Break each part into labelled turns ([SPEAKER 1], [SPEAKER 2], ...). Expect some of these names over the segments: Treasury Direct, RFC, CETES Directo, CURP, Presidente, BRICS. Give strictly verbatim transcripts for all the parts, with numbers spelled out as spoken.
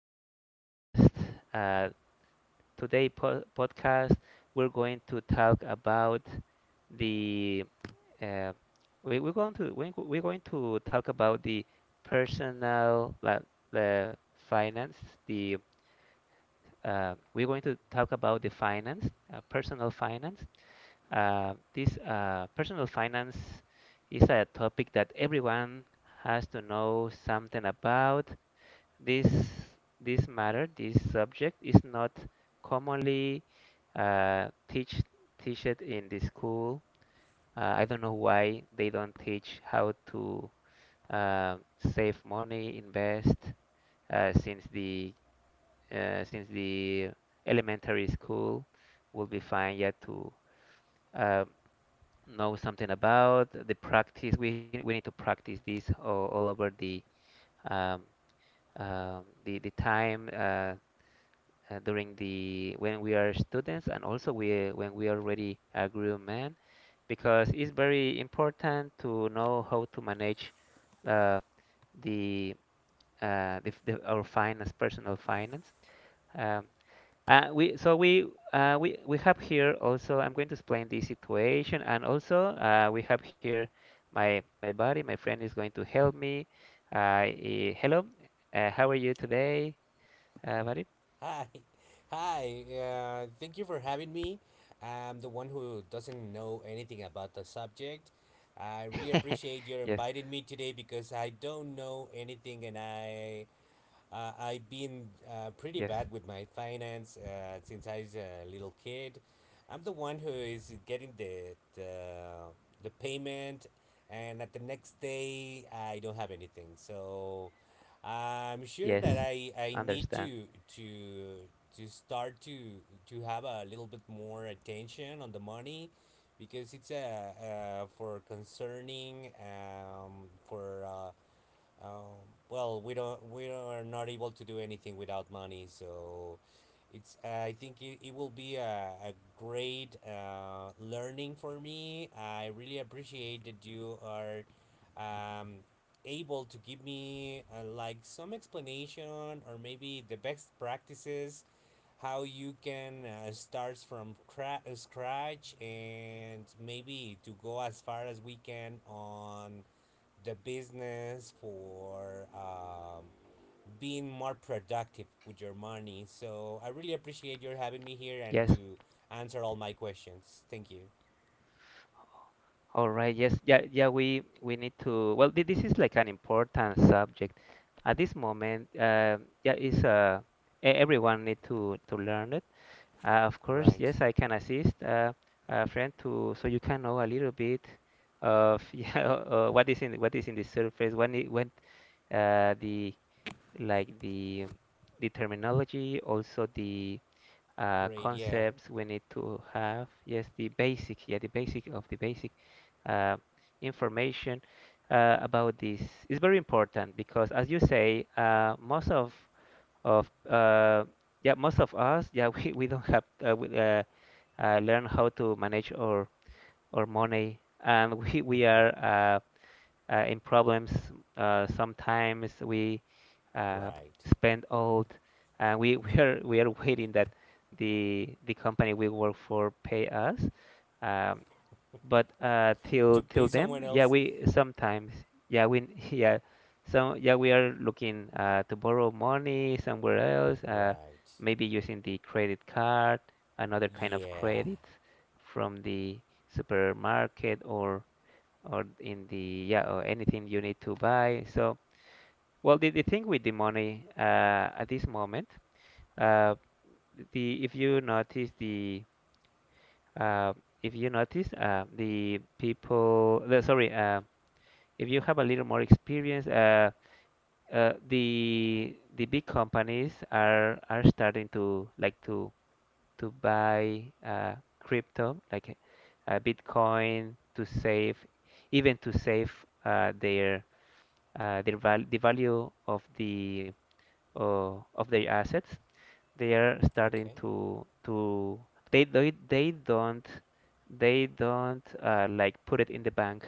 [SPEAKER 1] the the podcast. Uh, Today, po podcast, we're going to talk about the, uh, we, we're going to we, we're going to talk about the personal, like, the finance, the, uh, we're going to talk about the finance, uh, personal finance. Uh, this uh, Personal finance is a topic that everyone has to know something about. This this matter, this subject is not commonly, uh, teach teach it in the school. Uh, I don't know why they don't teach how to, uh, save money, invest, uh, since the uh, since the elementary school. Will be fine yet to, uh, know something about the practice. We, we need to practice this all, all over the, um, um, the the time, uh, uh, during the, when we are students, and also we, when we already a grown man, because it's very important to know how to manage, uh, the, uh, the, the our finance, personal finance. Um, uh, we so we uh, we we have here also. I'm going to explain this situation, and also, uh, we have here my my buddy, my friend is going to help me. Uh, eh, Hello. Uh, how are you today, uh, buddy?
[SPEAKER 2] Hi, hi. Uh, thank you for having me. I'm the one who doesn't know anything about the subject. I really appreciate your
[SPEAKER 1] Yes,
[SPEAKER 2] inviting me today because I don't know anything, and I uh, I've been uh, pretty
[SPEAKER 1] yes,
[SPEAKER 2] bad with my finance uh, since I was a little kid. I'm the one who is getting the, the the payment, and at the next day I don't have anything. So I'm sure that
[SPEAKER 1] yes.
[SPEAKER 2] I I need
[SPEAKER 1] Understand.
[SPEAKER 2] to to to start to to have a little bit more attention on the money because it's uh, uh for concerning um for uh, um, well, we don't, we are not able to do anything without money, so it's I think it, it will be a, a great uh, learning for me. I really appreciate that you are um, able to give me uh, like some explanation or maybe the best practices how you can uh, start from cra- uh, scratch and maybe to go as far as we can on the business for um, being more productive with your money. So I really appreciate your having me here
[SPEAKER 1] Yes.
[SPEAKER 2] and to answer all my questions. Thank you.
[SPEAKER 1] All right. Yes. Yeah. Yeah. We we need to. Well, thi- this is like an important subject at this moment. Uh, yeah. Is, uh e- everyone need to to learn it. Uh, of course,
[SPEAKER 2] Right.
[SPEAKER 1] yes, I can assist, uh, a friend, to so you can know a little bit of, yeah, uh, what is in what is in the surface, when it, when, uh, the, like, the the terminology, also the, uh,
[SPEAKER 2] Great. Yeah.
[SPEAKER 1] concepts we need to have. Yes, the basic, yeah, the basic of the basic, uh, information, uh, about this, is very important, because as you say, uh, most of of, uh, yeah, most of us, yeah, we, we don't have, uh, we, uh, uh, learn how to manage our our money, and we we
[SPEAKER 2] Mhm.
[SPEAKER 1] are, uh, uh, in problems. Uh, sometimes we, uh,
[SPEAKER 2] Right.
[SPEAKER 1] spend all, and we, we are we are waiting that the the company we work for pay us. um, but uh, till
[SPEAKER 2] To
[SPEAKER 1] till
[SPEAKER 2] pay
[SPEAKER 1] then,
[SPEAKER 2] someone
[SPEAKER 1] yeah,
[SPEAKER 2] else.
[SPEAKER 1] we sometimes, yeah, we, yeah, so yeah, we are looking, uh, to borrow money somewhere else. Uh,
[SPEAKER 2] Right.
[SPEAKER 1] maybe using the credit card, another kind of
[SPEAKER 2] Yeah.
[SPEAKER 1] credit from the supermarket, or or in the, yeah, or anything you need to buy. So, well, the, the thing with the money, uh, at this moment, uh, the if you notice the, uh, if you notice, uh, the people, the, sorry, uh, if you have a little more experience, uh, uh, the the big companies are are starting to, like, to to buy, uh, crypto, like, uh, Bitcoin, to save, even to save, uh, their, uh, their val the value of the, uh, of their assets. They are starting
[SPEAKER 2] Okay.
[SPEAKER 1] to, to they they, they don't, they don't uh, like, put it in the bank.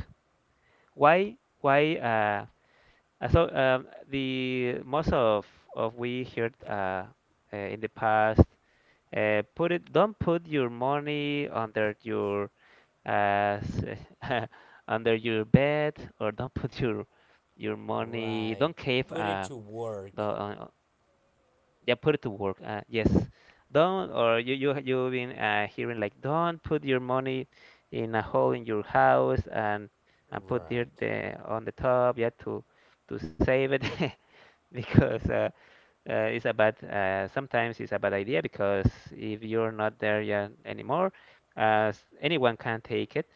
[SPEAKER 1] Why why uh uh, so um, the most of of, we heard, uh, uh in the past, uh put it, don't put your money under your, uh s- under your bed, or don't put your your money,
[SPEAKER 2] Right.
[SPEAKER 1] don't cave,
[SPEAKER 2] Put it
[SPEAKER 1] uh
[SPEAKER 2] to
[SPEAKER 1] the,
[SPEAKER 2] work.
[SPEAKER 1] on, yeah, put it to work. Uh, yes, don't, or you you you've been, uh, hearing, like, don't put your money in a hole in your house, and and put it,
[SPEAKER 2] Right.
[SPEAKER 1] the, on the top. Yeah, to to save it, because, uh, uh, it's a bad. Uh, sometimes it's a bad idea, because if you're not there yet anymore, uh, s- anyone can take it,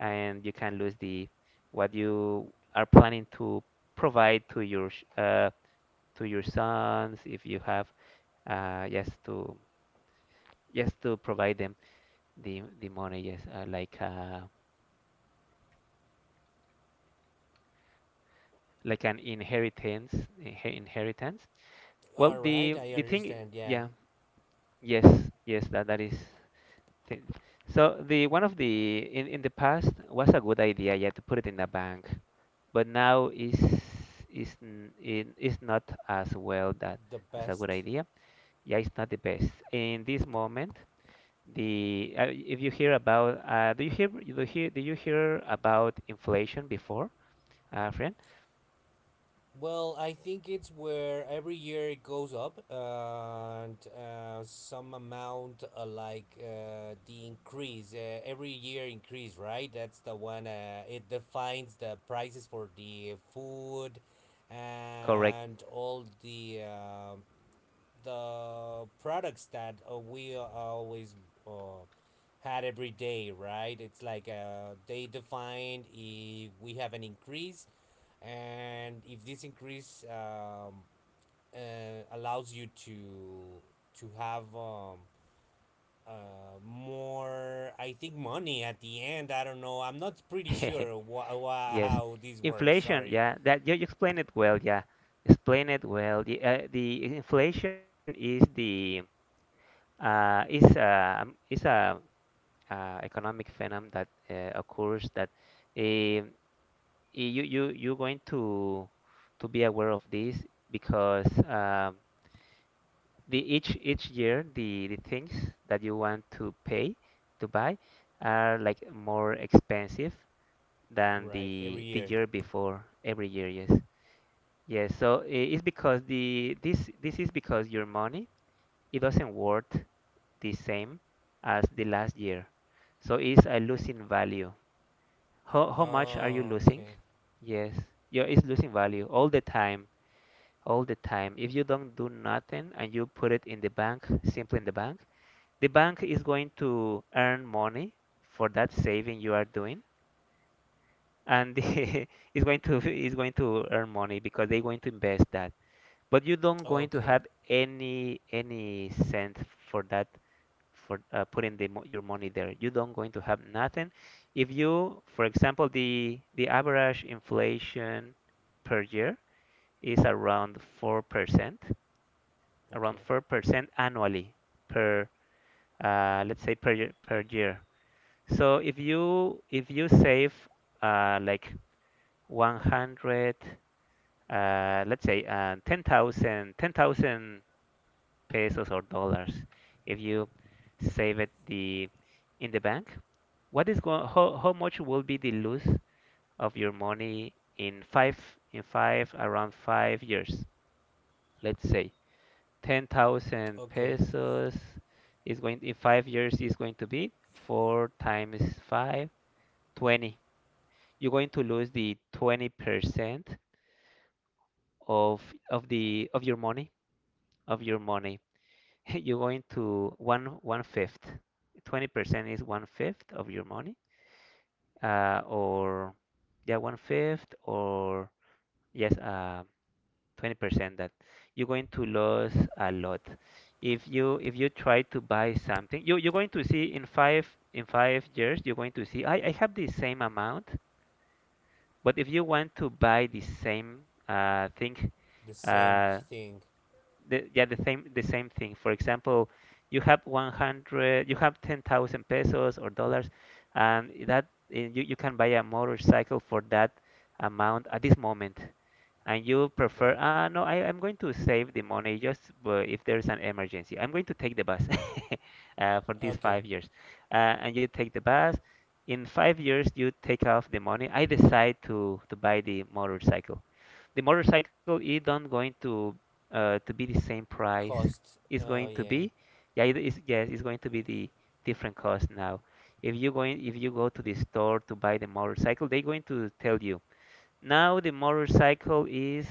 [SPEAKER 1] and you can lose the, what you are planning to provide to your, sh- uh, to your sons if you have, uh, just to just to provide them the the money. Yes, uh, like, uh, like an inheritance. Inhe- inheritance. Well,
[SPEAKER 2] All
[SPEAKER 1] the
[SPEAKER 2] right. I
[SPEAKER 1] the thing,
[SPEAKER 2] understand. Yeah.
[SPEAKER 1] yeah, yes, yes, that that is. Thing. So the one, of the, in in the past was a good idea, yeah, to put it in a bank, but now is, is n- in- is not as well, that
[SPEAKER 2] The
[SPEAKER 1] as a good
[SPEAKER 2] best.
[SPEAKER 1] idea. Yeah, it's not the best in this moment. The, uh, if you hear about, uh, do you hear do you hear do you hear about inflation before, uh, friend?
[SPEAKER 2] Well, I think it's where every year it goes up, and uh, some amount uh, like uh, the increase uh, every year increase, right? That's the one. Uh, it defines the prices for the food
[SPEAKER 1] Correct.
[SPEAKER 2] and all the uh, the products that uh, we always uh, had every day, right? It's like uh, they defined if we have an increase and if this increase um, uh, allows you to to have um, uh, more I think money at the end. I don't know. I'm not pretty sure wha- wha-
[SPEAKER 1] Yes,
[SPEAKER 2] how this works.
[SPEAKER 1] inflation.
[SPEAKER 2] Sorry.
[SPEAKER 1] Yeah, that you you explained it well. Yeah, explain it well. The, uh, the inflation is the, uh, is uh, um, is a, uh, economic phenomenon that, uh, occurs, that, um, you you you you're going to to be aware of this because, um, the each each year the the things that you want to pay to buy are, like, more expensive than
[SPEAKER 2] Right, every
[SPEAKER 1] the the
[SPEAKER 2] year.
[SPEAKER 1] year before, every year, yes, yes, so, i- it's because the, this this is because your money, it doesn't worth the same as the last year, so it's a losing value. how how much are you
[SPEAKER 2] Oh,
[SPEAKER 1] losing?
[SPEAKER 2] okay.
[SPEAKER 1] Yes, yeah, it's losing value all the time, all the time, if you don't do nothing and you put it in the bank, simply in the bank. The bank is going to earn money for that saving you are doing, and, the, is going to is going to earn money, because they're going to invest that, but you don't going to
[SPEAKER 2] Okay.
[SPEAKER 1] have any any cent for that, for, uh, putting the, mo- your money there. You don't going to have nothing. If you, for example, the the average inflation per year is around four percent, around
[SPEAKER 2] Okay.
[SPEAKER 1] four percent annually, per, uh, let's say, per year, per year. So if you if you save, uh, like, one hundred, uh, let's say, uh, ten thousand ten thousand pesos or dollars, if you save it the, in the bank, what is going, how, how much will be the loss of your money in five in five, around five years? Let's say ten thousand
[SPEAKER 2] Okay.
[SPEAKER 1] pesos is going, in five years is going to be four times five, twenty. You're going to lose the twenty percent of of the, of your money, of your money. You're going to one, one fifth. twenty percent is one fifth of your money, uh, or, yeah, one fifth, or, yes, uh, twenty percent that you're going to lose a lot. If you if you try to buy something, you, you're going to see in five in five years, you're going to see, I, I have the same amount. But if you want to buy the same, uh, thing,
[SPEAKER 2] The same
[SPEAKER 1] uh,
[SPEAKER 2] thing.
[SPEAKER 1] the, yeah, the same, the same thing. For example, you have one hundred, you have ten thousand pesos or dollars, and that, eh, you, you can buy a motorcycle for that amount at this moment. And you prefer,
[SPEAKER 2] Right.
[SPEAKER 1] ah, no, I, I'm going to save the money, just, uh, if there's an emergency, I'm going to take the bus, uh, for these
[SPEAKER 2] Okay.
[SPEAKER 1] five years. Uh, and you take the bus. In five years, you take off the money. I decide to to buy the motorcycle. The motorcycle is not going to, uh, to be the same price.
[SPEAKER 2] Cost,
[SPEAKER 1] It's
[SPEAKER 2] uh
[SPEAKER 1] going to
[SPEAKER 2] yeah.
[SPEAKER 1] be, yeah, it is, yes, it's going to be the different cost now. If you going, if you go to the store to buy the motorcycle, they're going to tell you, now the motorcycle is,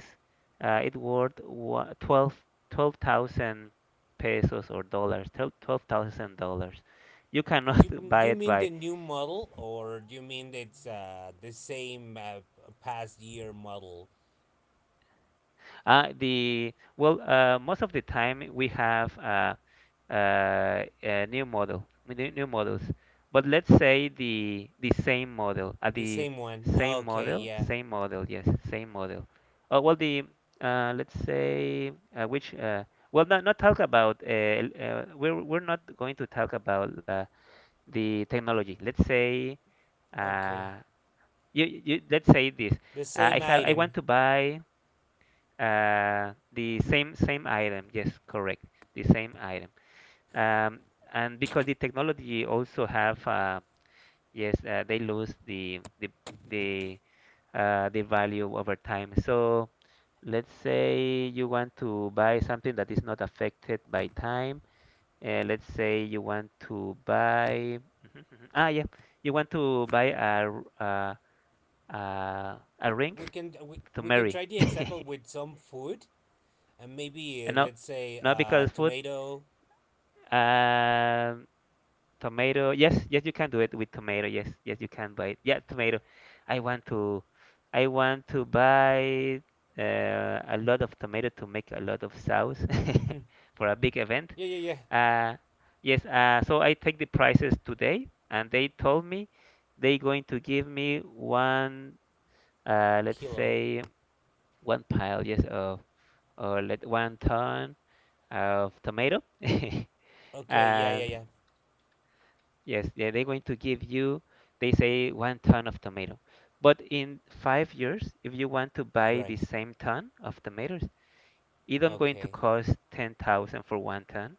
[SPEAKER 1] uh, it worth, wa- twelve twelve thousand pesos or dollars, twelve twelve thousand dollars. You
[SPEAKER 2] But do
[SPEAKER 1] cannot
[SPEAKER 2] you,
[SPEAKER 1] buy
[SPEAKER 2] do you
[SPEAKER 1] it
[SPEAKER 2] mean
[SPEAKER 1] by.
[SPEAKER 2] the new model, or do you mean it's uh, the same uh, past year model?
[SPEAKER 1] Uh, the well, uh, most of the time we have, uh, uh, a new model, new, new models. But let's say the the same model, uh,
[SPEAKER 2] The
[SPEAKER 1] the
[SPEAKER 2] same one.
[SPEAKER 1] same
[SPEAKER 2] Okay,
[SPEAKER 1] model,
[SPEAKER 2] yeah.
[SPEAKER 1] same model, yes, same model. Uh, well, the uh, Let's say, uh, which uh, well, not not talk about. Uh, l- uh, we're, we're not going to talk about, uh, the technology. Let's say,
[SPEAKER 2] Okay.
[SPEAKER 1] uh, you, you, let's say this.
[SPEAKER 2] The
[SPEAKER 1] Uh, I
[SPEAKER 2] same
[SPEAKER 1] have, I want
[SPEAKER 2] item.
[SPEAKER 1] to buy. Uh, the same same item, yes, correct. The same item. Um, and because the technology also have, uh, yes, uh, they lose the the the, uh, the value over time. So let's say you want to buy something that is not affected by time. Uh, let's say you want to buy, mhm, mhm, ah, yeah, you want to buy a, r- uh, uh, a ring
[SPEAKER 2] We can we,
[SPEAKER 1] to
[SPEAKER 2] we can
[SPEAKER 1] marry.
[SPEAKER 2] try the example with some food and maybe
[SPEAKER 1] Uh,
[SPEAKER 2] uh,
[SPEAKER 1] No,
[SPEAKER 2] let's say
[SPEAKER 1] no,
[SPEAKER 2] uh
[SPEAKER 1] because food.
[SPEAKER 2] tomato.
[SPEAKER 1] Um, Tomato. Yes, yes, you can do it with tomato. Yes, yes, you can buy it. Yeah, tomato. I want to, I want to buy, uh, a lot of tomato to make a lot of sauce
[SPEAKER 2] Mhm.
[SPEAKER 1] for a big event.
[SPEAKER 2] Yeah, yeah, yeah.
[SPEAKER 1] Uh, yes. Uh, so I take the prices today, and they told me they going to give me one. Uh, let's
[SPEAKER 2] Kilo.
[SPEAKER 1] say one pile. Yes, of, or let one ton of tomato.
[SPEAKER 2] Okay, yeah, yeah,
[SPEAKER 1] And,
[SPEAKER 2] yeah.
[SPEAKER 1] yes, yeah, they're going to give you, they say, one ton of tomato. But in five years, if you want to buy the
[SPEAKER 2] Right.
[SPEAKER 1] same ton of tomatoes, it don't going to
[SPEAKER 2] Okay.
[SPEAKER 1] cost ten thousand for one ton.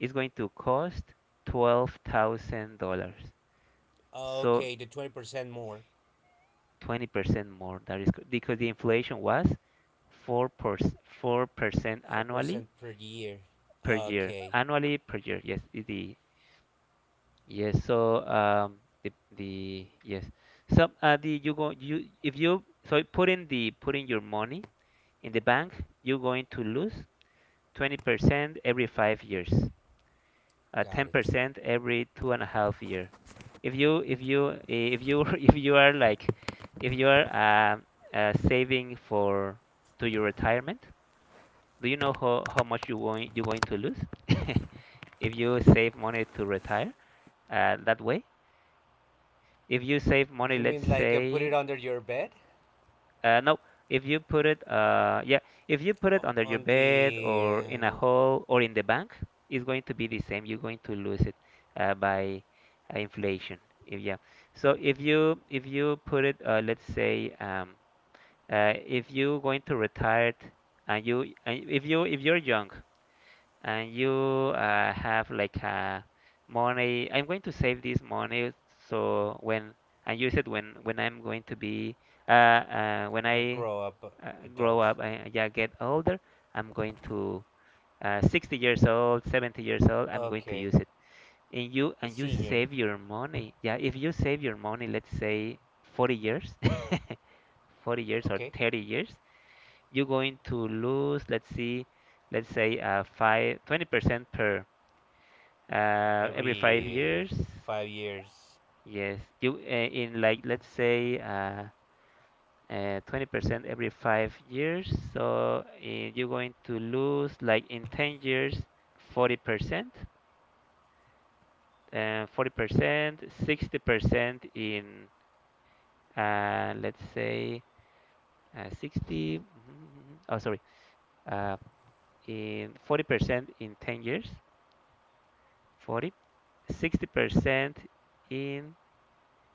[SPEAKER 1] It's going to cost twelve thousand dollars. So
[SPEAKER 2] Okay, the twenty percent more.
[SPEAKER 1] twenty percent more. That is co- because the inflation was four percent, four percent annually
[SPEAKER 2] four percent per year.
[SPEAKER 1] per year.
[SPEAKER 2] Okay.
[SPEAKER 1] Annually per year, yes, is the Yes, so um, the the yes, so uh, the you go you if you so you put in the put in your money in the bank, you're going to lose twenty percent every five years, uh,
[SPEAKER 2] Got it.
[SPEAKER 1] ten percent every two and a half year. If you if you eh, if you if you are like if you are uh, uh, saving for to your retirement, do you know how, how much you going you're going to lose if you save money to retire uh, that way? If you save money,
[SPEAKER 2] Do you
[SPEAKER 1] let's
[SPEAKER 2] mean like uh, put it
[SPEAKER 1] say,
[SPEAKER 2] under your bed?
[SPEAKER 1] uh, no, if you put it, uh, yeah, if you put it
[SPEAKER 2] O-
[SPEAKER 1] under your
[SPEAKER 2] on the.
[SPEAKER 1] bed or in a hole or in the bank, it's going to be the same. You're going to lose it uh, by uh, inflation. If, yeah. So if you if you put it, uh, let's say, um, uh, if you're going to retire and you and if you if you're young and you uh, have like a money. I'm going to save this money so when and use it when when I'm going to be uh, uh, when
[SPEAKER 2] Uh, uh,
[SPEAKER 1] I
[SPEAKER 2] grow up.
[SPEAKER 1] uh, grow
[SPEAKER 2] Adult.
[SPEAKER 1] up and yeah get older. I'm going to uh, sixty years old, seventy years old. I'm going to
[SPEAKER 2] Okay,
[SPEAKER 1] use it. And you
[SPEAKER 2] a
[SPEAKER 1] and you
[SPEAKER 2] senior.
[SPEAKER 1] save your money. Yeah, if you save your money, let's say forty years, forty years or
[SPEAKER 2] Okay,
[SPEAKER 1] thirty years, you're going to lose. Let's see let's say uh, five, twenty percent per uh, every five
[SPEAKER 2] every
[SPEAKER 1] years,
[SPEAKER 2] five years.
[SPEAKER 1] yes. You uh, in like let's say uh, uh, twenty percent every five years. So uh, you're going to lose like in ten years forty percent, uh, forty percent, sixty percent in uh, let's say uh, sixty. mhm, Oh, sorry. Uh, in forty percent in ten years, forty, sixty percent in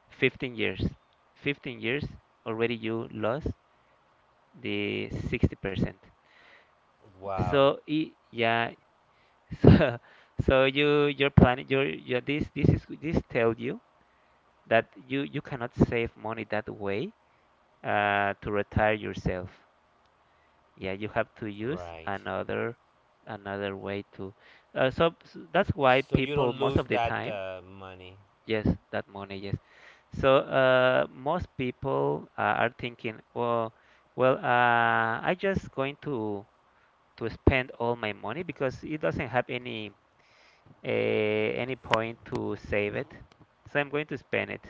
[SPEAKER 1] fifteen years fifteen years already you lost the sixty percent,
[SPEAKER 2] Wow,
[SPEAKER 1] so i- yeah, so, so you you're planning you're, this this is this tells you that you you cannot save money that way uh, to retire yourself, yeah, you have to use
[SPEAKER 2] right.
[SPEAKER 1] another another way to uh, so s- that's why
[SPEAKER 2] So you
[SPEAKER 1] people
[SPEAKER 2] don't
[SPEAKER 1] most
[SPEAKER 2] lose
[SPEAKER 1] of the
[SPEAKER 2] that
[SPEAKER 1] time.
[SPEAKER 2] uh, money.
[SPEAKER 1] Yes, that money, yes. So uh, most people uh, are thinking, well, well, uh, I just going to to spend all my money because it doesn't have any uh, any point to save it. So I'm going to spend it,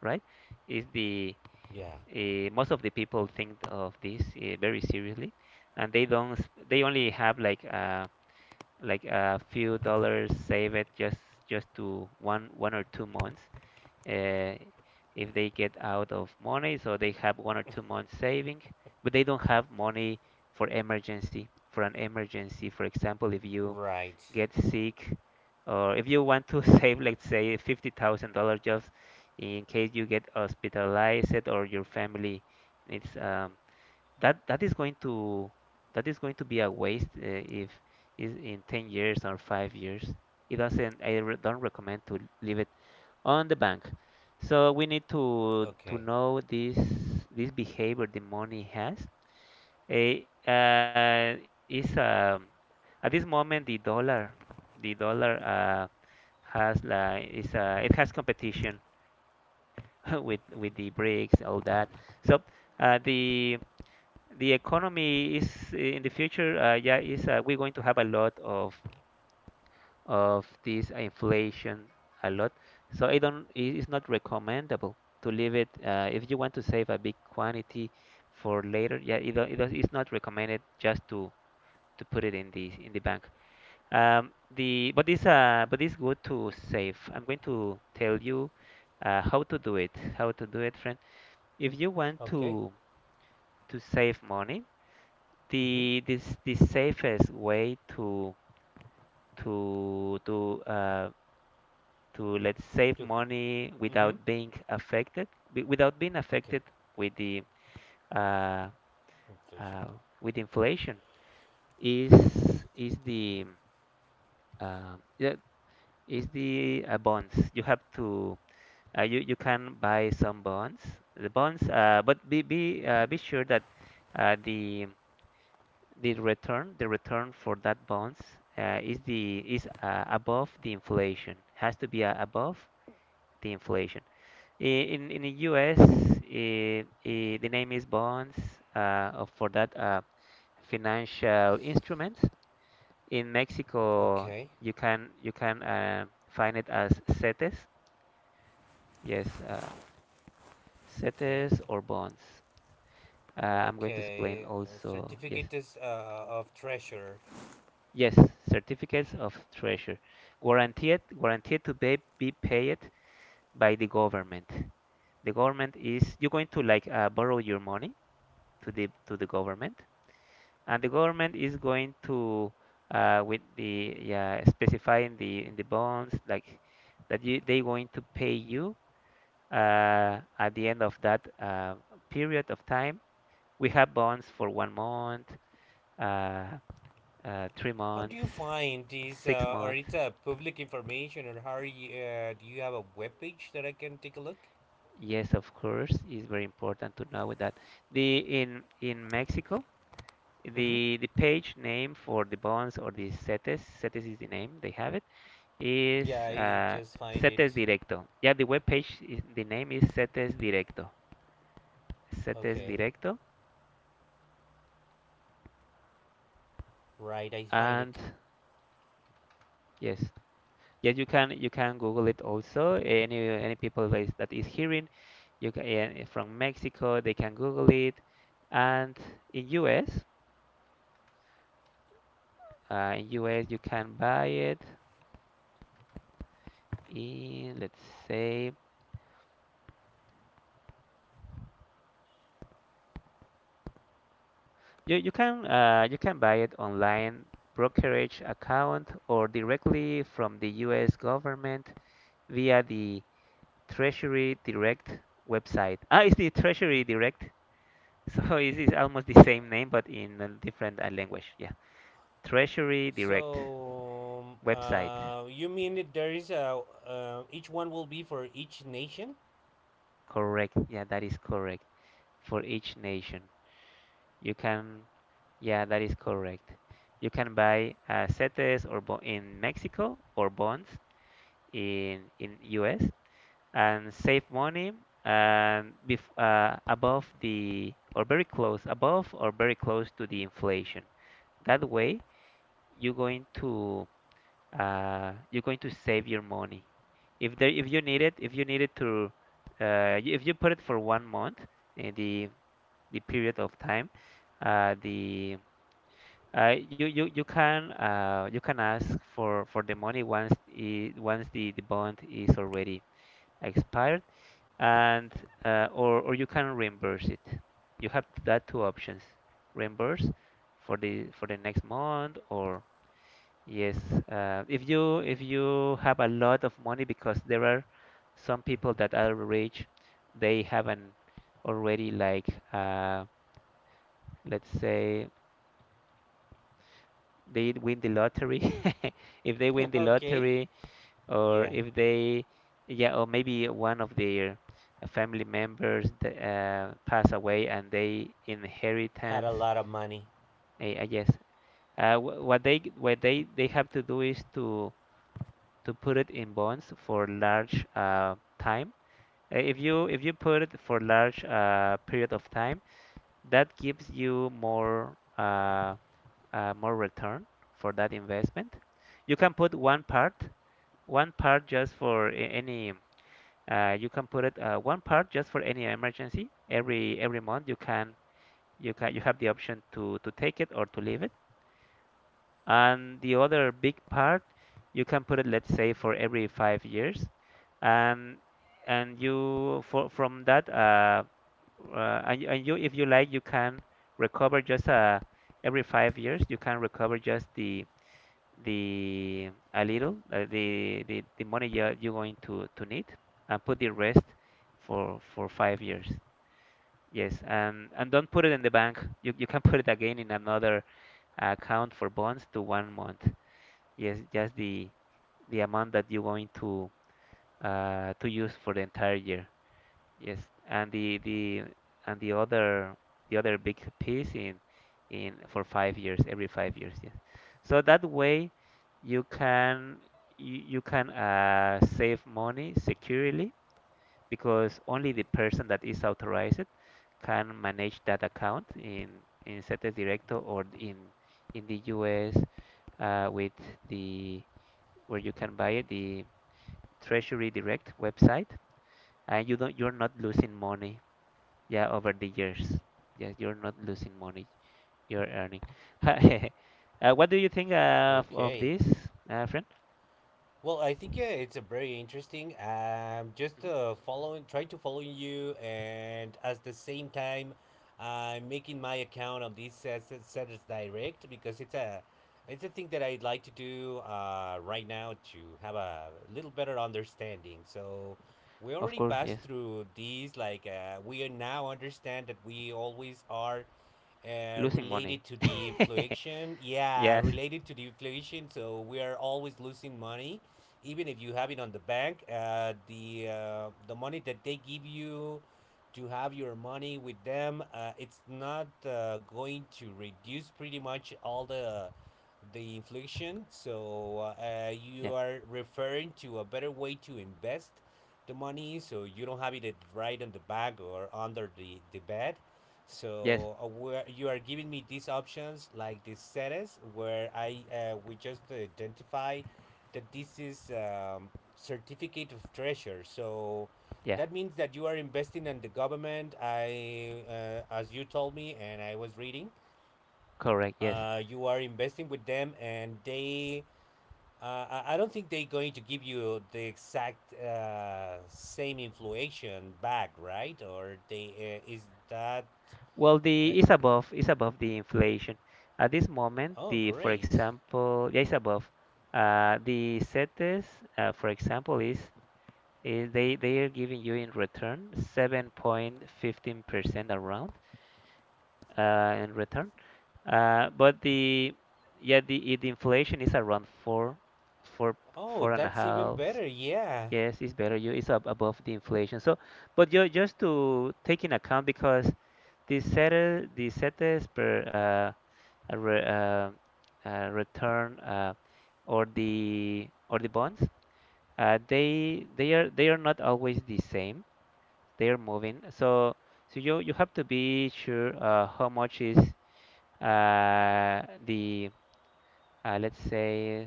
[SPEAKER 1] right? Is the
[SPEAKER 2] Yeah,
[SPEAKER 1] uh, most of the people think of this uh, very seriously, and they don't. s- They only have like uh, like a few dollars saved just just to one one or two months uh, if they get out of money, so they have one or two months saving, but they don't have money for emergency, for an emergency. For example, if you
[SPEAKER 2] right.
[SPEAKER 1] get sick, or if you want to save, let's say, fifty thousand dollars just in case you get hospitalized or your family needs, um, that that is going to that is going to be a waste uh, if is in ten years or five years. It doesn't, I re don't recommend to leave it on the bank. So we need to to
[SPEAKER 2] Okay.
[SPEAKER 1] know this this behavior the money has. A uh, is um, At this moment the dollar the dollar uh, has like is uh, it has competition with with the BRICS all that. So uh, the the economy is in the future, uh, yeah is uh, we're going to have a lot of of this inflation, a lot. So I don't, it is not recommendable to leave it uh, if you want to save a big quantity for later. Yeah, it, don't- it don't- it's not recommended just to to put it in the in the bank. Um, the but it's uh but it's good to save. I'm going to tell you uh, how to do it. How to do it, friend. If you want
[SPEAKER 2] Okay.
[SPEAKER 1] to to save money,
[SPEAKER 2] Mhm.
[SPEAKER 1] the this the safest way to to to uh, to let's save
[SPEAKER 2] Two.
[SPEAKER 1] money
[SPEAKER 2] Mhm.
[SPEAKER 1] without being affected wi- without being
[SPEAKER 2] Okay.
[SPEAKER 1] affected with the uh,
[SPEAKER 2] Inflation.
[SPEAKER 1] uh, with inflation is is the um yeah is the uh, bonds you have to uh, you you can buy some bonds, the bonds uh, but be be uh, be sure that uh, the the return the return for that bonds uh, is the is uh, above the inflation, has to be uh, above the inflation. Eh, In in the U S, eh, eh, the name is bonds uh, of- for that uh, financial instruments. In Mexico,
[SPEAKER 2] Okay.
[SPEAKER 1] you can you can uh, find it as CETES. Yes, uh,
[SPEAKER 2] Okay.
[SPEAKER 1] CETES or bonds. Uh, I'm going to explain
[SPEAKER 2] Okay. Uh,
[SPEAKER 1] also. Yes,
[SPEAKER 2] certificates uh, of treasure.
[SPEAKER 1] yes, certificates of treasure, guaranteed guaranteed to be be paid by the government. The government is you're going to like uh, borrow your money to the to the government, and the government is going to uh, with the yeah specifying the in the bonds like that you they going to pay you uh, at the end of that uh, period of time. We have bonds for one month, uh, uh, three
[SPEAKER 2] How do
[SPEAKER 1] months,
[SPEAKER 2] you find these,
[SPEAKER 1] six
[SPEAKER 2] uh, or
[SPEAKER 1] months.
[SPEAKER 2] it's uh, public information, or how are you, uh, do you have a webpage that I can take a look?
[SPEAKER 1] Yes, of course, it's very important to know that the in in Mexico
[SPEAKER 2] Mm-hmm.
[SPEAKER 1] the the page name for the bonds or the CETES CETES is the name they have it is
[SPEAKER 2] Yeah, I
[SPEAKER 1] uh,
[SPEAKER 2] just find
[SPEAKER 1] CETES
[SPEAKER 2] it.
[SPEAKER 1] Directo. Yeah, the web page, the name is CETES Directo. CETES
[SPEAKER 2] Okay,
[SPEAKER 1] Directo,
[SPEAKER 2] right, I find
[SPEAKER 1] and
[SPEAKER 2] it.
[SPEAKER 1] yes, yes, you can you can Google it also. Any any people that is, that is hearing, you can eh, eh, from Mexico, they can Google it, and in U S, uh, in U S you can buy it in let's say you you can uh, you can buy it online brokerage account or directly from the U S government via the Treasury Direct website. Ah, it's the Treasury Direct. So it's, almost the same name, but in a different uh, language. Yeah. Treasury Direct
[SPEAKER 2] So, um,
[SPEAKER 1] website.
[SPEAKER 2] uh, you mean that there is a, uh, each one will be for each nation?
[SPEAKER 1] Correct. Yeah, that is correct. For each nation, you can, yeah, that is correct. You can buy uh, CETES or bo in Mexico or bonds in in U S and save money and bef uh, above the or very close above or very close to the inflation. That way, you're going to uh, you're going to save your money. If there if you need it if you need it to uh, y- if you put it for one month in the the period of time, uh, the uh, you, you you can uh, you can ask for, for the money once I once the, the bond is already expired, and uh, or or you can reimburse it. You have that two options: reimburse for the for the next month, or yes, uh, if you if you have a lot of money, because there are some people that are rich, they haven't already like uh, let's say they win the lottery. If they win the
[SPEAKER 2] Okay.
[SPEAKER 1] lottery, or
[SPEAKER 2] Yeah,
[SPEAKER 1] if they yeah or maybe one of their uh, family members th- uh, pass away and they
[SPEAKER 2] had a
[SPEAKER 1] inheritance.
[SPEAKER 2] lot of money.
[SPEAKER 1] I, I guess uh, wh- what they what they they have to do is to to put it in bonds for large uh, time. Uh, if you if you put it for large uh, period of time, that gives you more uh, uh, more return for that investment. You can put one part, one part just for a- any uh, you can put it uh, one part just for any emergency. Every every month you can you can you have the option to to take it or to leave it. And the other big part you can put it let's say for every five years. Um, and you for from that uh, uh, and, you- and you if you like you can recover just uh, every five years you can recover just the the a little uh, the, the the money you're, you're going to to need, and put the rest for for five years, yes, and and don't put it in the bank, you, you can put it again in another account for bonds to one month, yes, just the the amount that you're going to uh, to use for the entire year. Yes, and the the and the other the other big piece in in for five years, every five years, yes. So that way you can you, you can uh, save money securely because only the person that is authorized can manage that account in in CETES Directo or in in the U S uh, with the where you can buy it, the Treasury Direct website, and you don't you're not losing money, yeah, over the years. Yeah, you're not losing money, you're earning. Uh, what do you think uh, of, of
[SPEAKER 2] Okay.
[SPEAKER 1] this, uh, friend?
[SPEAKER 2] Well, I think yeah, it's a very interesting. Um, just
[SPEAKER 1] Mhm.
[SPEAKER 2] uh, following, try to follow you, and at the same time, I'm making my account of this as Sellers Direct because it's a, it's a thing that I'd like to do uh, right now to have a little better understanding. So, we
[SPEAKER 1] Of
[SPEAKER 2] already
[SPEAKER 1] course,
[SPEAKER 2] passed
[SPEAKER 1] yes.
[SPEAKER 2] through these. Like, uh, we are now understand that we always are uh,
[SPEAKER 1] Losing money.
[SPEAKER 2] related to the inflation. Yeah,
[SPEAKER 1] Yes.
[SPEAKER 2] related to the inflation. So we are always losing money, even if you have it on the bank. Uh, the uh, the money that they give you to have your money with them, uh, it's not uh, going to reduce pretty much all the the inflation. So uh,
[SPEAKER 1] Yeah.
[SPEAKER 2] you are referring to a better way to invest the money so you don't have it at- right on the bag or under the, the bed,
[SPEAKER 1] Yes.
[SPEAKER 2] so uh, where you are giving me these options like the status where I uh, we just identify that this is um, certificate of treasure. So
[SPEAKER 1] Yeah.
[SPEAKER 2] that means that you are investing in the government. I uh, As you told me and I was reading,
[SPEAKER 1] Correct. Yes.
[SPEAKER 2] uh, you are investing with them and they. Uh, I I don't think they're going to give you the exact uh, same inflation back, right? Or they uh, is that?
[SPEAKER 1] Well,
[SPEAKER 2] uh,
[SPEAKER 1] the is above is above the inflation. At this moment,
[SPEAKER 2] Oh,
[SPEAKER 1] the for
[SPEAKER 2] great.
[SPEAKER 1] example, yeah, it's above. Uh, the setes, uh, for example, is, is they they are giving you in return seven point one five percent around uh, in return. Uh, but the yeah the, I- the inflation is around four, four,
[SPEAKER 2] Oh,
[SPEAKER 1] four and a
[SPEAKER 2] that's even
[SPEAKER 1] half.
[SPEAKER 2] better. Yeah.
[SPEAKER 1] Yes, it's better. You It's ab above the inflation. So, but you just to take in account because the set the setes per uh, a re, uh, uh, return uh, or the or the bonds, uh, they they are they are not always the same. They are moving. So so you you have to be sure uh, how much is, uh, the uh, let's say,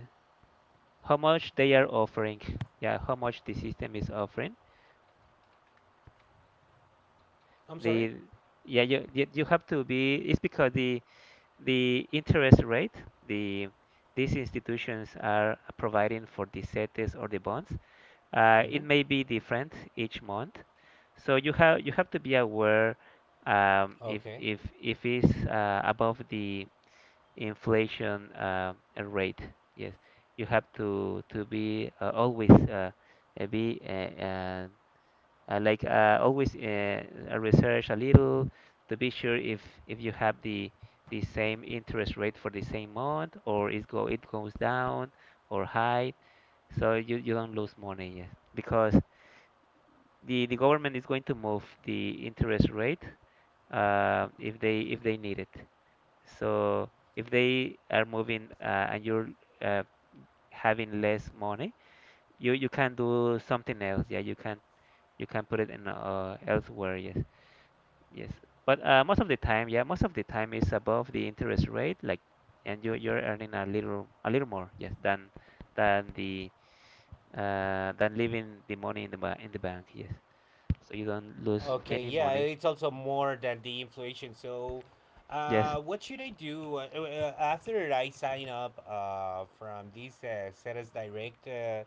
[SPEAKER 1] how much they are offering, yeah, how much the system is offering
[SPEAKER 2] I'm sorry?
[SPEAKER 1] the yeah you, you you have to be, it's because the the interest rate the these institutions are providing for the setes or the bonds uh, it
[SPEAKER 2] Mm-hmm.
[SPEAKER 1] may be different each month, so you have you have to be aware, um, if
[SPEAKER 2] Okay.
[SPEAKER 1] if if it's uh, above the inflation uh, uh, rate. Yes, you have to to be uh, always uh, uh, be uh, uh, uh, like uh, always, uh, uh, research a little to be sure if if you have the the same interest rate for the same month, or it go it goes down or high, so you you don't lose money. Yes, because the the government is going to move the interest rate uh, if they if they need it. So if they are moving uh, and you're uh, having less money, you you can do something else. Yeah, you can you can put it in uh, elsewhere. Yes, yes. But uh, most of the time, yeah, most of the time is above the interest rate. Like, and you you're earning a little a little more. Yes, than than the uh, than leaving the money in the ba in the bank. Yes. So you don't lose
[SPEAKER 2] Okay,
[SPEAKER 1] any
[SPEAKER 2] yeah,
[SPEAKER 1] money.
[SPEAKER 2] it's also more than the inflation. So,
[SPEAKER 1] Yes,
[SPEAKER 2] uh, what should I do uh, uh, after I sign up uh, from this uh, Ceres Direct? Uh,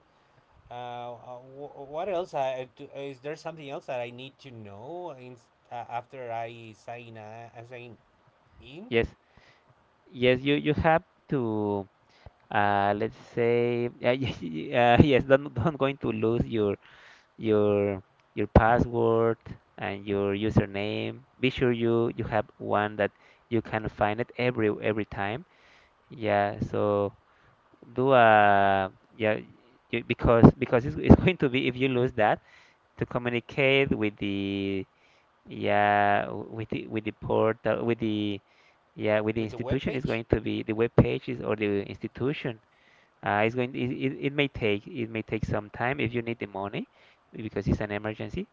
[SPEAKER 2] uh, uh, wh- what else? I, do, is there something else that I need to know in, uh, after I sign, uh, I sign in
[SPEAKER 1] yes, yes. You you have to. Uh, let's say, uh, uh, yes, don't don't going to lose your your your password and your username. Be sure you you have one that you can find it every every time. Yeah, so do a yeah you, because because it's, it's going to be if you lose that to communicate with the, yeah w- with the with the portal, with the, yeah, with the
[SPEAKER 2] with the
[SPEAKER 1] institution. Is
[SPEAKER 2] webpage?
[SPEAKER 1] going to be the web pages or the institution uh, it's going it, it, it may take, it may take some time if you need the money because it's an emergency.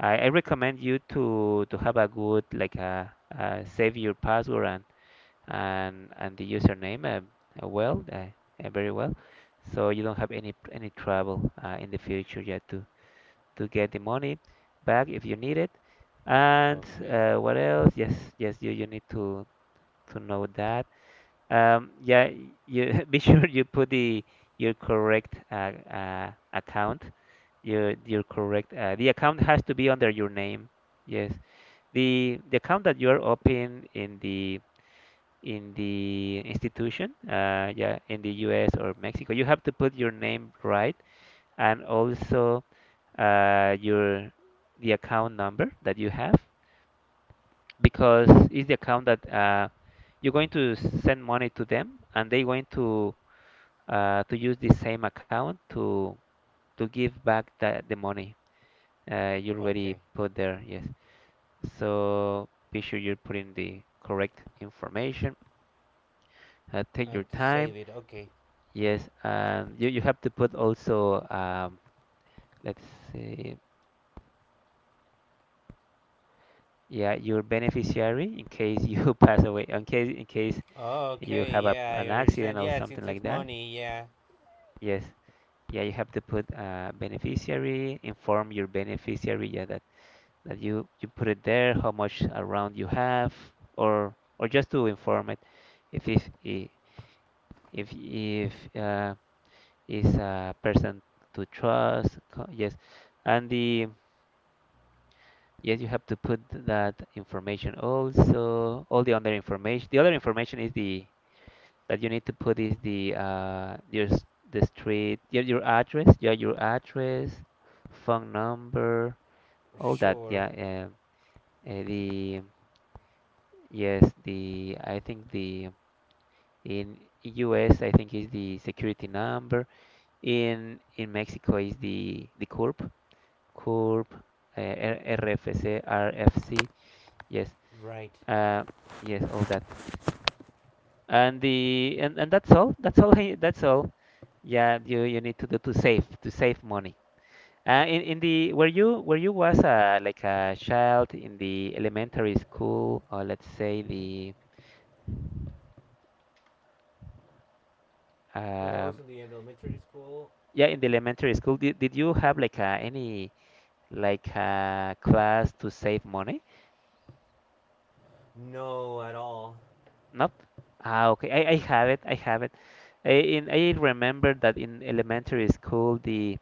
[SPEAKER 1] I, I recommend you to to have a good, like a, uh save your password and and and the username, um, uh, well, uh, uh, very well, so you don't have any any trouble uh, in the future yet to to get the money back if you need it. And
[SPEAKER 2] Okay,
[SPEAKER 1] uh, what else? Yes, yes, you you need to to know that. Um, yeah, you be sure you put the your correct uh, uh, account. Your your correct, uh, the account has to be under your name. Yes, the the account that you are open in the in the institution, uh, yeah, in the U S or Mexico, you have to put your name right, and also uh, your the account number that you have, because it's the account that uh, you're going to send money to them, and they're going to, uh, to use the same account to to give back the, the money uh, you already
[SPEAKER 2] okay.
[SPEAKER 1] put there. Yes. So be sure you're putting the correct information. Uh, take your
[SPEAKER 2] And to save
[SPEAKER 1] time.
[SPEAKER 2] it, okay. Mm-hmm.
[SPEAKER 1] Yes, and you, you have to put also, um, let's see, yeah, your beneficiary in case you pass away, in case, in case
[SPEAKER 2] Oh,
[SPEAKER 1] you
[SPEAKER 2] okay.
[SPEAKER 1] have a,
[SPEAKER 2] Yeah, I
[SPEAKER 1] an
[SPEAKER 2] understand.
[SPEAKER 1] accident or
[SPEAKER 2] Yeah, since
[SPEAKER 1] something
[SPEAKER 2] it's
[SPEAKER 1] like that.
[SPEAKER 2] money, yeah,
[SPEAKER 1] Yes, yeah, you have to put uh, beneficiary, inform your beneficiary. Yeah, that's that you you put it there, how much around you have, or or just to inform it if if i- if if uh, is a person to trust. co- Yes, and the yes you have to put that information also. All the other information. The other information is the that you need to put is the, uh your, s- the street, your your address, yeah, your address, phone number, all that,
[SPEAKER 2] sure.
[SPEAKER 1] yeah. um, uh, the Yes, the I think the in U S I think is the security number. In in Mexico is the the CURP, CURP, uh, R- RFC, RFC. Yes,
[SPEAKER 2] Right.
[SPEAKER 1] uh, yes, all that. And the, and, and that's all. That's all. I, that's all. Yeah, you you need to do to save, to save money. Uh, in in the where you where you was, uh, like a child in the elementary school, or let's say
[SPEAKER 2] Mhm.
[SPEAKER 1] the,
[SPEAKER 2] When I was in
[SPEAKER 1] um
[SPEAKER 2] the elementary school,
[SPEAKER 1] yeah, in the elementary school, did, did you have like a, any, like a class to save money?
[SPEAKER 2] no, at all.
[SPEAKER 1] Nope. Ah, okay. I, I have it. I have it. I in, I remember that in elementary school, the,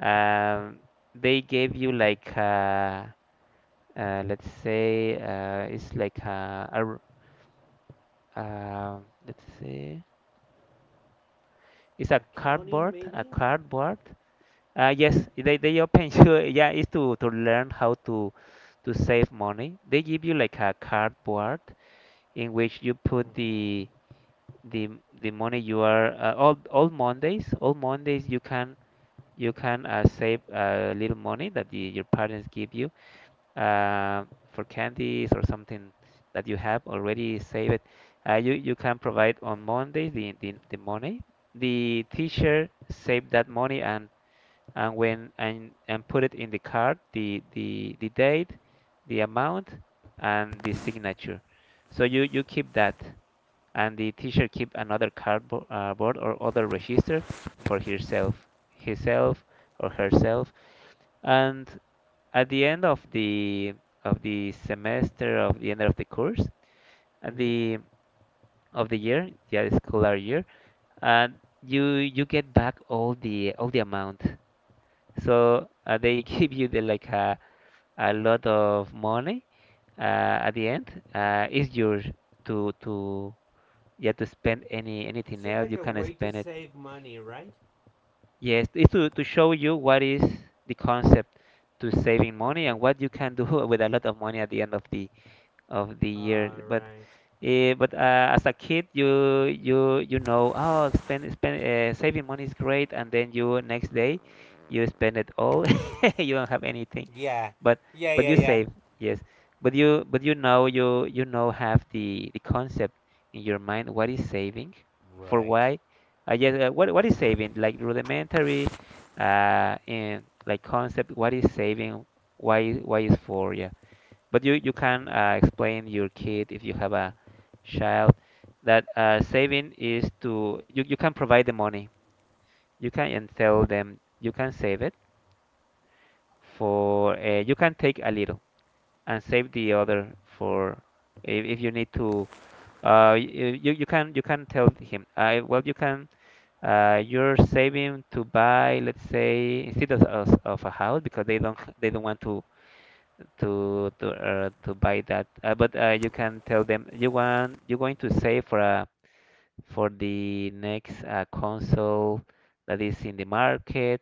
[SPEAKER 1] um they gave you like, uh, uh let's say, uh it's like a, a r- uh, let's see, it's a
[SPEAKER 2] Accounting,
[SPEAKER 1] cardboard,
[SPEAKER 2] maybe?
[SPEAKER 1] a cardboard. Uh, yes, they, they open you. Yeah, it's to, to learn how to to save money. They give you like a cardboard in which you put
[SPEAKER 2] Mm-hmm.
[SPEAKER 1] the, the the money you are, uh, all all Mondays. All Mondays you can you can uh, save a little money that the, your parents give you uh, for candies or something that you have already saved. Uh, you you can provide on Mondays the the, the money. The teacher save that money, and and when and and put it in the card, the the the date, the amount, and the signature. So you you keep that, and the teacher keep another cardboard, uh, board, or other register for herself, himself or herself. And at the end of the of the semester, of the end of the course, at
[SPEAKER 2] Mm-hmm.
[SPEAKER 1] the, of the year, yeah, the scholar year, and you you get back all the, all the amount. So, uh, they give you the, like a, a lot of money uh, at the end. Uh, it's yours to, to yeah to spend, any,
[SPEAKER 2] It's
[SPEAKER 1] anything
[SPEAKER 2] just
[SPEAKER 1] else.
[SPEAKER 2] like
[SPEAKER 1] You
[SPEAKER 2] a
[SPEAKER 1] can
[SPEAKER 2] way to
[SPEAKER 1] spend it.
[SPEAKER 2] save money, right?
[SPEAKER 1] Yes, it's to to show you what is the concept to saving money,
[SPEAKER 2] Okay.
[SPEAKER 1] and what you can do with a lot of money at the end of the of the year.
[SPEAKER 2] All
[SPEAKER 1] But
[SPEAKER 2] right.
[SPEAKER 1] eh, but uh, as a kid, you, you you know, oh, spend spend, uh, saving money is great, and then you next day you spend it all. You don't have anything,
[SPEAKER 2] Yeah.
[SPEAKER 1] but
[SPEAKER 2] Yeah,
[SPEAKER 1] but
[SPEAKER 2] yeah,
[SPEAKER 1] you
[SPEAKER 2] yeah.
[SPEAKER 1] save, yes. But you, but you know you, you know, have the the concept in your mind. What is saving? For
[SPEAKER 2] Right.
[SPEAKER 1] why? Uh, yes. Uh, what what is saving? Like rudimentary, uh, in like concept. What is saving? Why, why is for? Yeah. But you, you can uh, explain your kid if you have a child that, uh, saving is to, you, you can provide the money. You can and tell them you can save it for, uh, you can take a little and save the other for if, if you need to, uh y- you, you can you can tell him, uh, well, you can, uh you're saving to buy, let's say, instead of, of, of a house because they don't they don't want to, to to uh, to buy that. Uh, but uh, you can tell them you want, you're going to save for a, for the next uh, console that is in the market,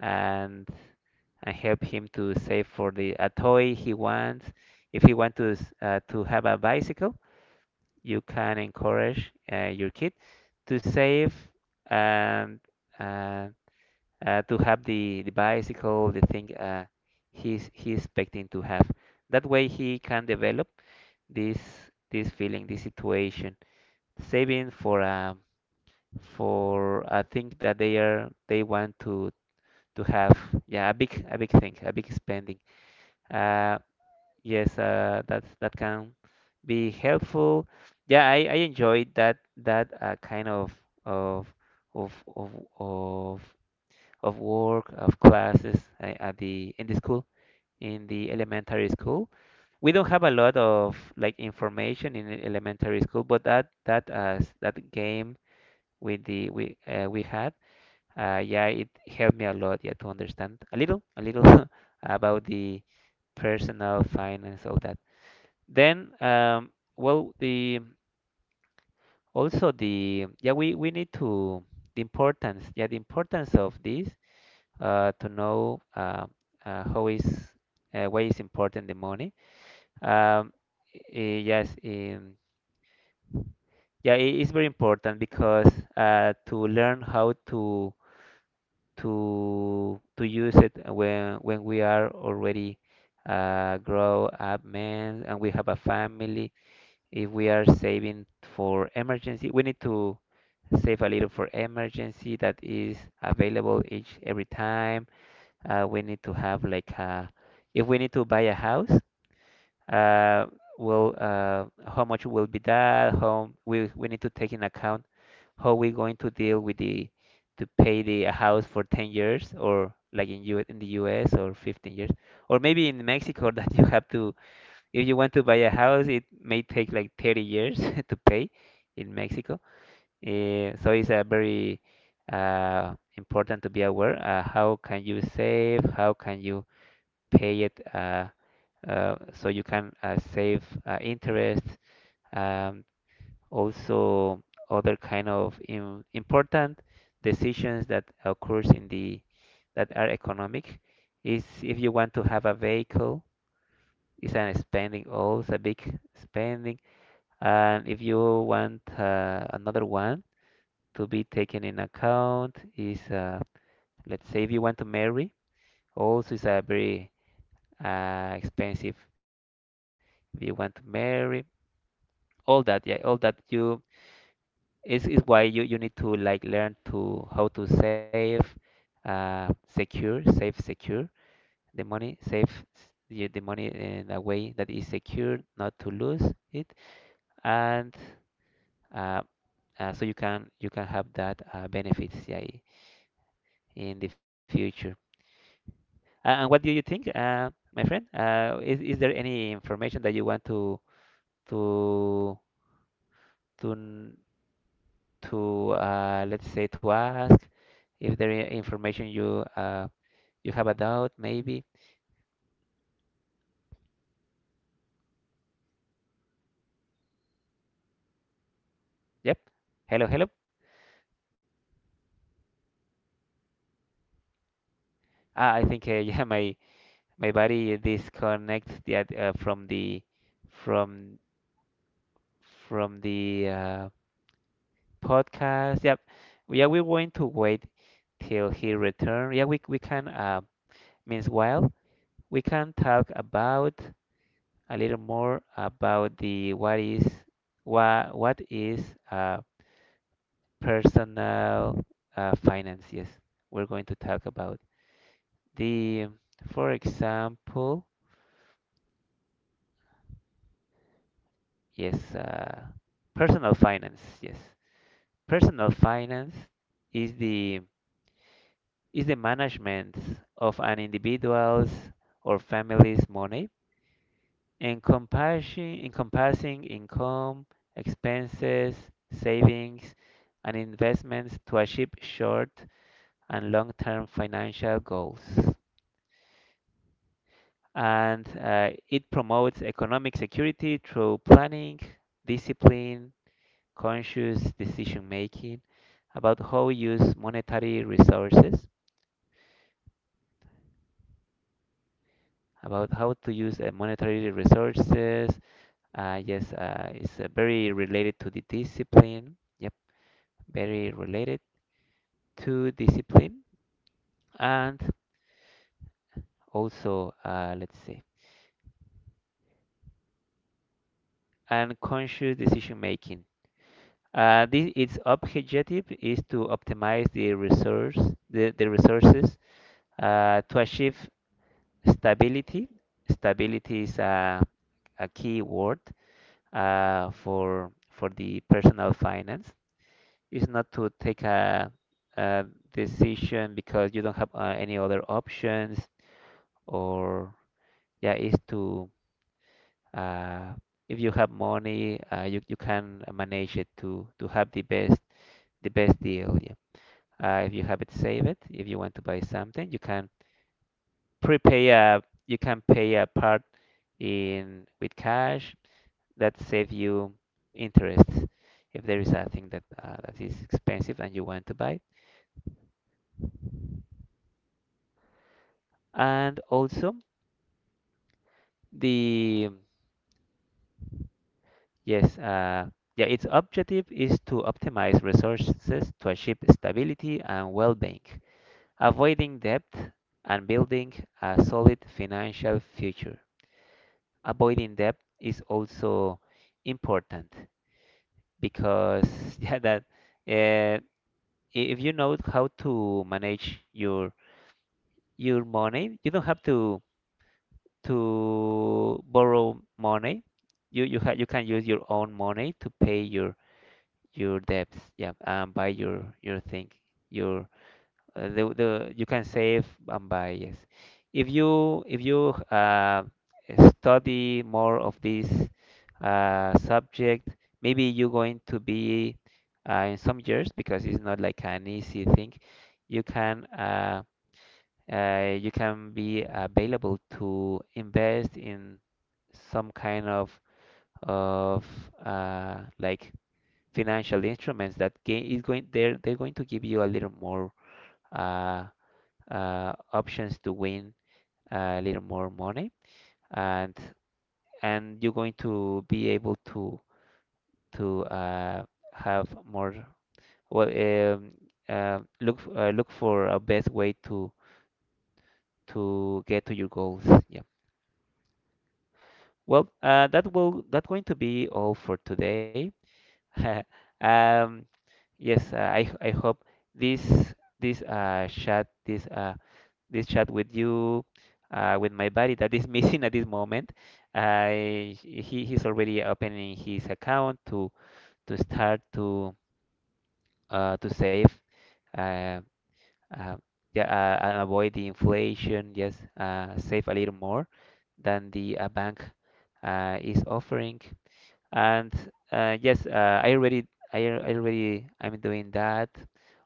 [SPEAKER 1] and and help
[SPEAKER 2] Ching.
[SPEAKER 1] him to save for the a toy he wants. If he wants to, s- uh, to have a bicycle, you can encourage, uh, your kid to save, and uh, uh, to have the, the bicycle, the thing,
[SPEAKER 2] ¡Ey, se
[SPEAKER 1] uh,
[SPEAKER 2] fue la luz!
[SPEAKER 1] he's, he's expecting to have. That way he can develop this, this feeling, this situation, saving for a, for a
[SPEAKER 2] Ah,
[SPEAKER 1] thing
[SPEAKER 2] tú
[SPEAKER 1] that
[SPEAKER 2] no
[SPEAKER 1] they
[SPEAKER 2] tienes,
[SPEAKER 1] are,
[SPEAKER 2] no
[SPEAKER 1] they
[SPEAKER 2] tienes
[SPEAKER 1] want
[SPEAKER 2] chance
[SPEAKER 1] to
[SPEAKER 2] tú de hacer
[SPEAKER 1] to
[SPEAKER 2] nada,
[SPEAKER 1] have.
[SPEAKER 2] ¿verdad?
[SPEAKER 1] Yeah, a big, a big thing, a big spending. Uh, yes, uh, that that can be helpful. Yeah, I, I enjoyed that, that uh, kind of of of of of of work, of classes, uh, at the, in the school, in the elementary school. We don't have a lot of like information in, e- elementary school, but that, that uh, s- that game with the, we uh, we had, uh, yeah, it helped me a lot, yeah, to understand a little, a little about the personal finance, all that. Then, um, well, the, also the, yeah, we we need to, the importance, yeah, the importance of this, uh, to know, uh, uh, how is, uh, why is important the money. Um, i- yes, in. Yeah, it is very important because, uh, to learn how to to to use it when when we are already, uh, grow up men and we have a family. If we are saving for emergency, we need to save a little for emergency that is available each every time. Uh, we need to have like a, if we need to buy a house, uh, will uh, how much will be that? How we we need to take in account how we going to deal with the to pay the a house for ten years or like in U in the U S, or fifteen years, or maybe in Mexico that you have to, if you want to buy a house it may take like thirty years to pay in Mexico. Eh, so it's a very uh, important to be aware uh, how can you save, how can you pay it uh, uh, so you can uh, save uh, interest. Um, also other kind of im- important decisions that occurs in the that are economic is if you want to have a vehicle, it's an spending, also a big spending. And if you want uh, another one to be taken in account is uh, let's say if you want to marry, also is a very uh, expensive if you want to marry, all that, yeah, all that you. It's, it's why you, you need to like learn to how to save, uh, secure, save secure the money, save s- the, the money in a way that is secure, not to lose it, and uh, uh, so you can you can have that uh, benefits, yeah, i- in the future. Uh, and what do you think, uh, my friend? Uh, is is there any information that you want to to to n- to uh, let's say to ask? If there is information you uh, you have a doubt, maybe. Yep. Hello, hello. Ah, I think uh, yeah, my my body disconnects the ad- uh, from the from from the uh, podcast. Yep. We- Yeah, we're going to wait till he return. Yeah, we we can. Uh, means while we can talk about a little more about the what is what what is uh, personal uh, finance. Yes, we're going to talk about. The, for example, yes, uh, personal finance. Yes, personal finance is the is the management of an individual's or family's money, encompassing encompassing income, expenses, savings, and investments to achieve short and long-term financial goals. And uh, it promotes economic security through planning, discipline, conscious decision making, about how we use monetary resources, about how to use uh, monetary resources. Uh, yes, uh, it's uh, very related to the discipline. Yep, very related to discipline, and also, uh, let's see, and conscious decision making. Uh, this, its objective is to optimize the resource, the, the resources uh, to achieve stability. Stability is uh, a key word uh, for for the personal finance, is not to take a, a decision because you don't have uh, any other options, or yeah is to uh, if you have money, uh, you, you can manage it to to have the best the best deal, yeah. uh, if you have it save it, if you want to buy something you can prepay a you can pay a part in with cash that save you interest if there is a thing that uh, that is expensive and you want to buy. And also the, yes, uh, yeah, its objective is to optimize resources to achieve stability and well-being, avoiding debt and building a solid financial future. Avoiding debt is also important because yeah, that uh, if you know how to manage your your money. You don't have to to borrow money. You you ha you can use your own money to pay your your debts. Yeah, and buy your your thing. Your uh, the the you can save and buy. Yes, if you if you uh, study more of this uh, subject, maybe you're going to be uh, in some years, because it's not like an easy thing. You can. Uh, uh, you can be available to invest in some kind of of uh, like financial instruments that ga- is going they're they're going to give you a little more uh, uh, options to win uh, a little more money, and and you're going to be able to to uh, have more well um, uh, look f- uh, look for a best way to to get to your goals, yeah. Well, uh, that will that's going to be all for today. Um, yes, uh, I I hope this this uh chat this uh this chat with you uh with my buddy that is missing at this moment. I he he's already opening his account to to start to uh to save uh, uh yeah uh, and avoid the inflation. Yes, uh save a little more than the uh, bank uh is offering. And uh, yes, uh, I already, I al- I already, I'm doing that.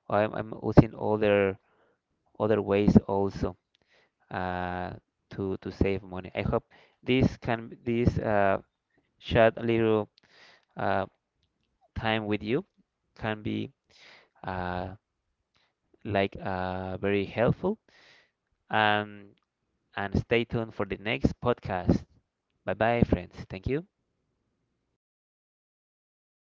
[SPEAKER 1] I'm, I'm using other other ways also uh, to to save money. I hope this can this uh, short little uh, time with you can be uh, like uh, very helpful. Um, and stay tuned for the next podcast. Bye bye, friends. Thank you.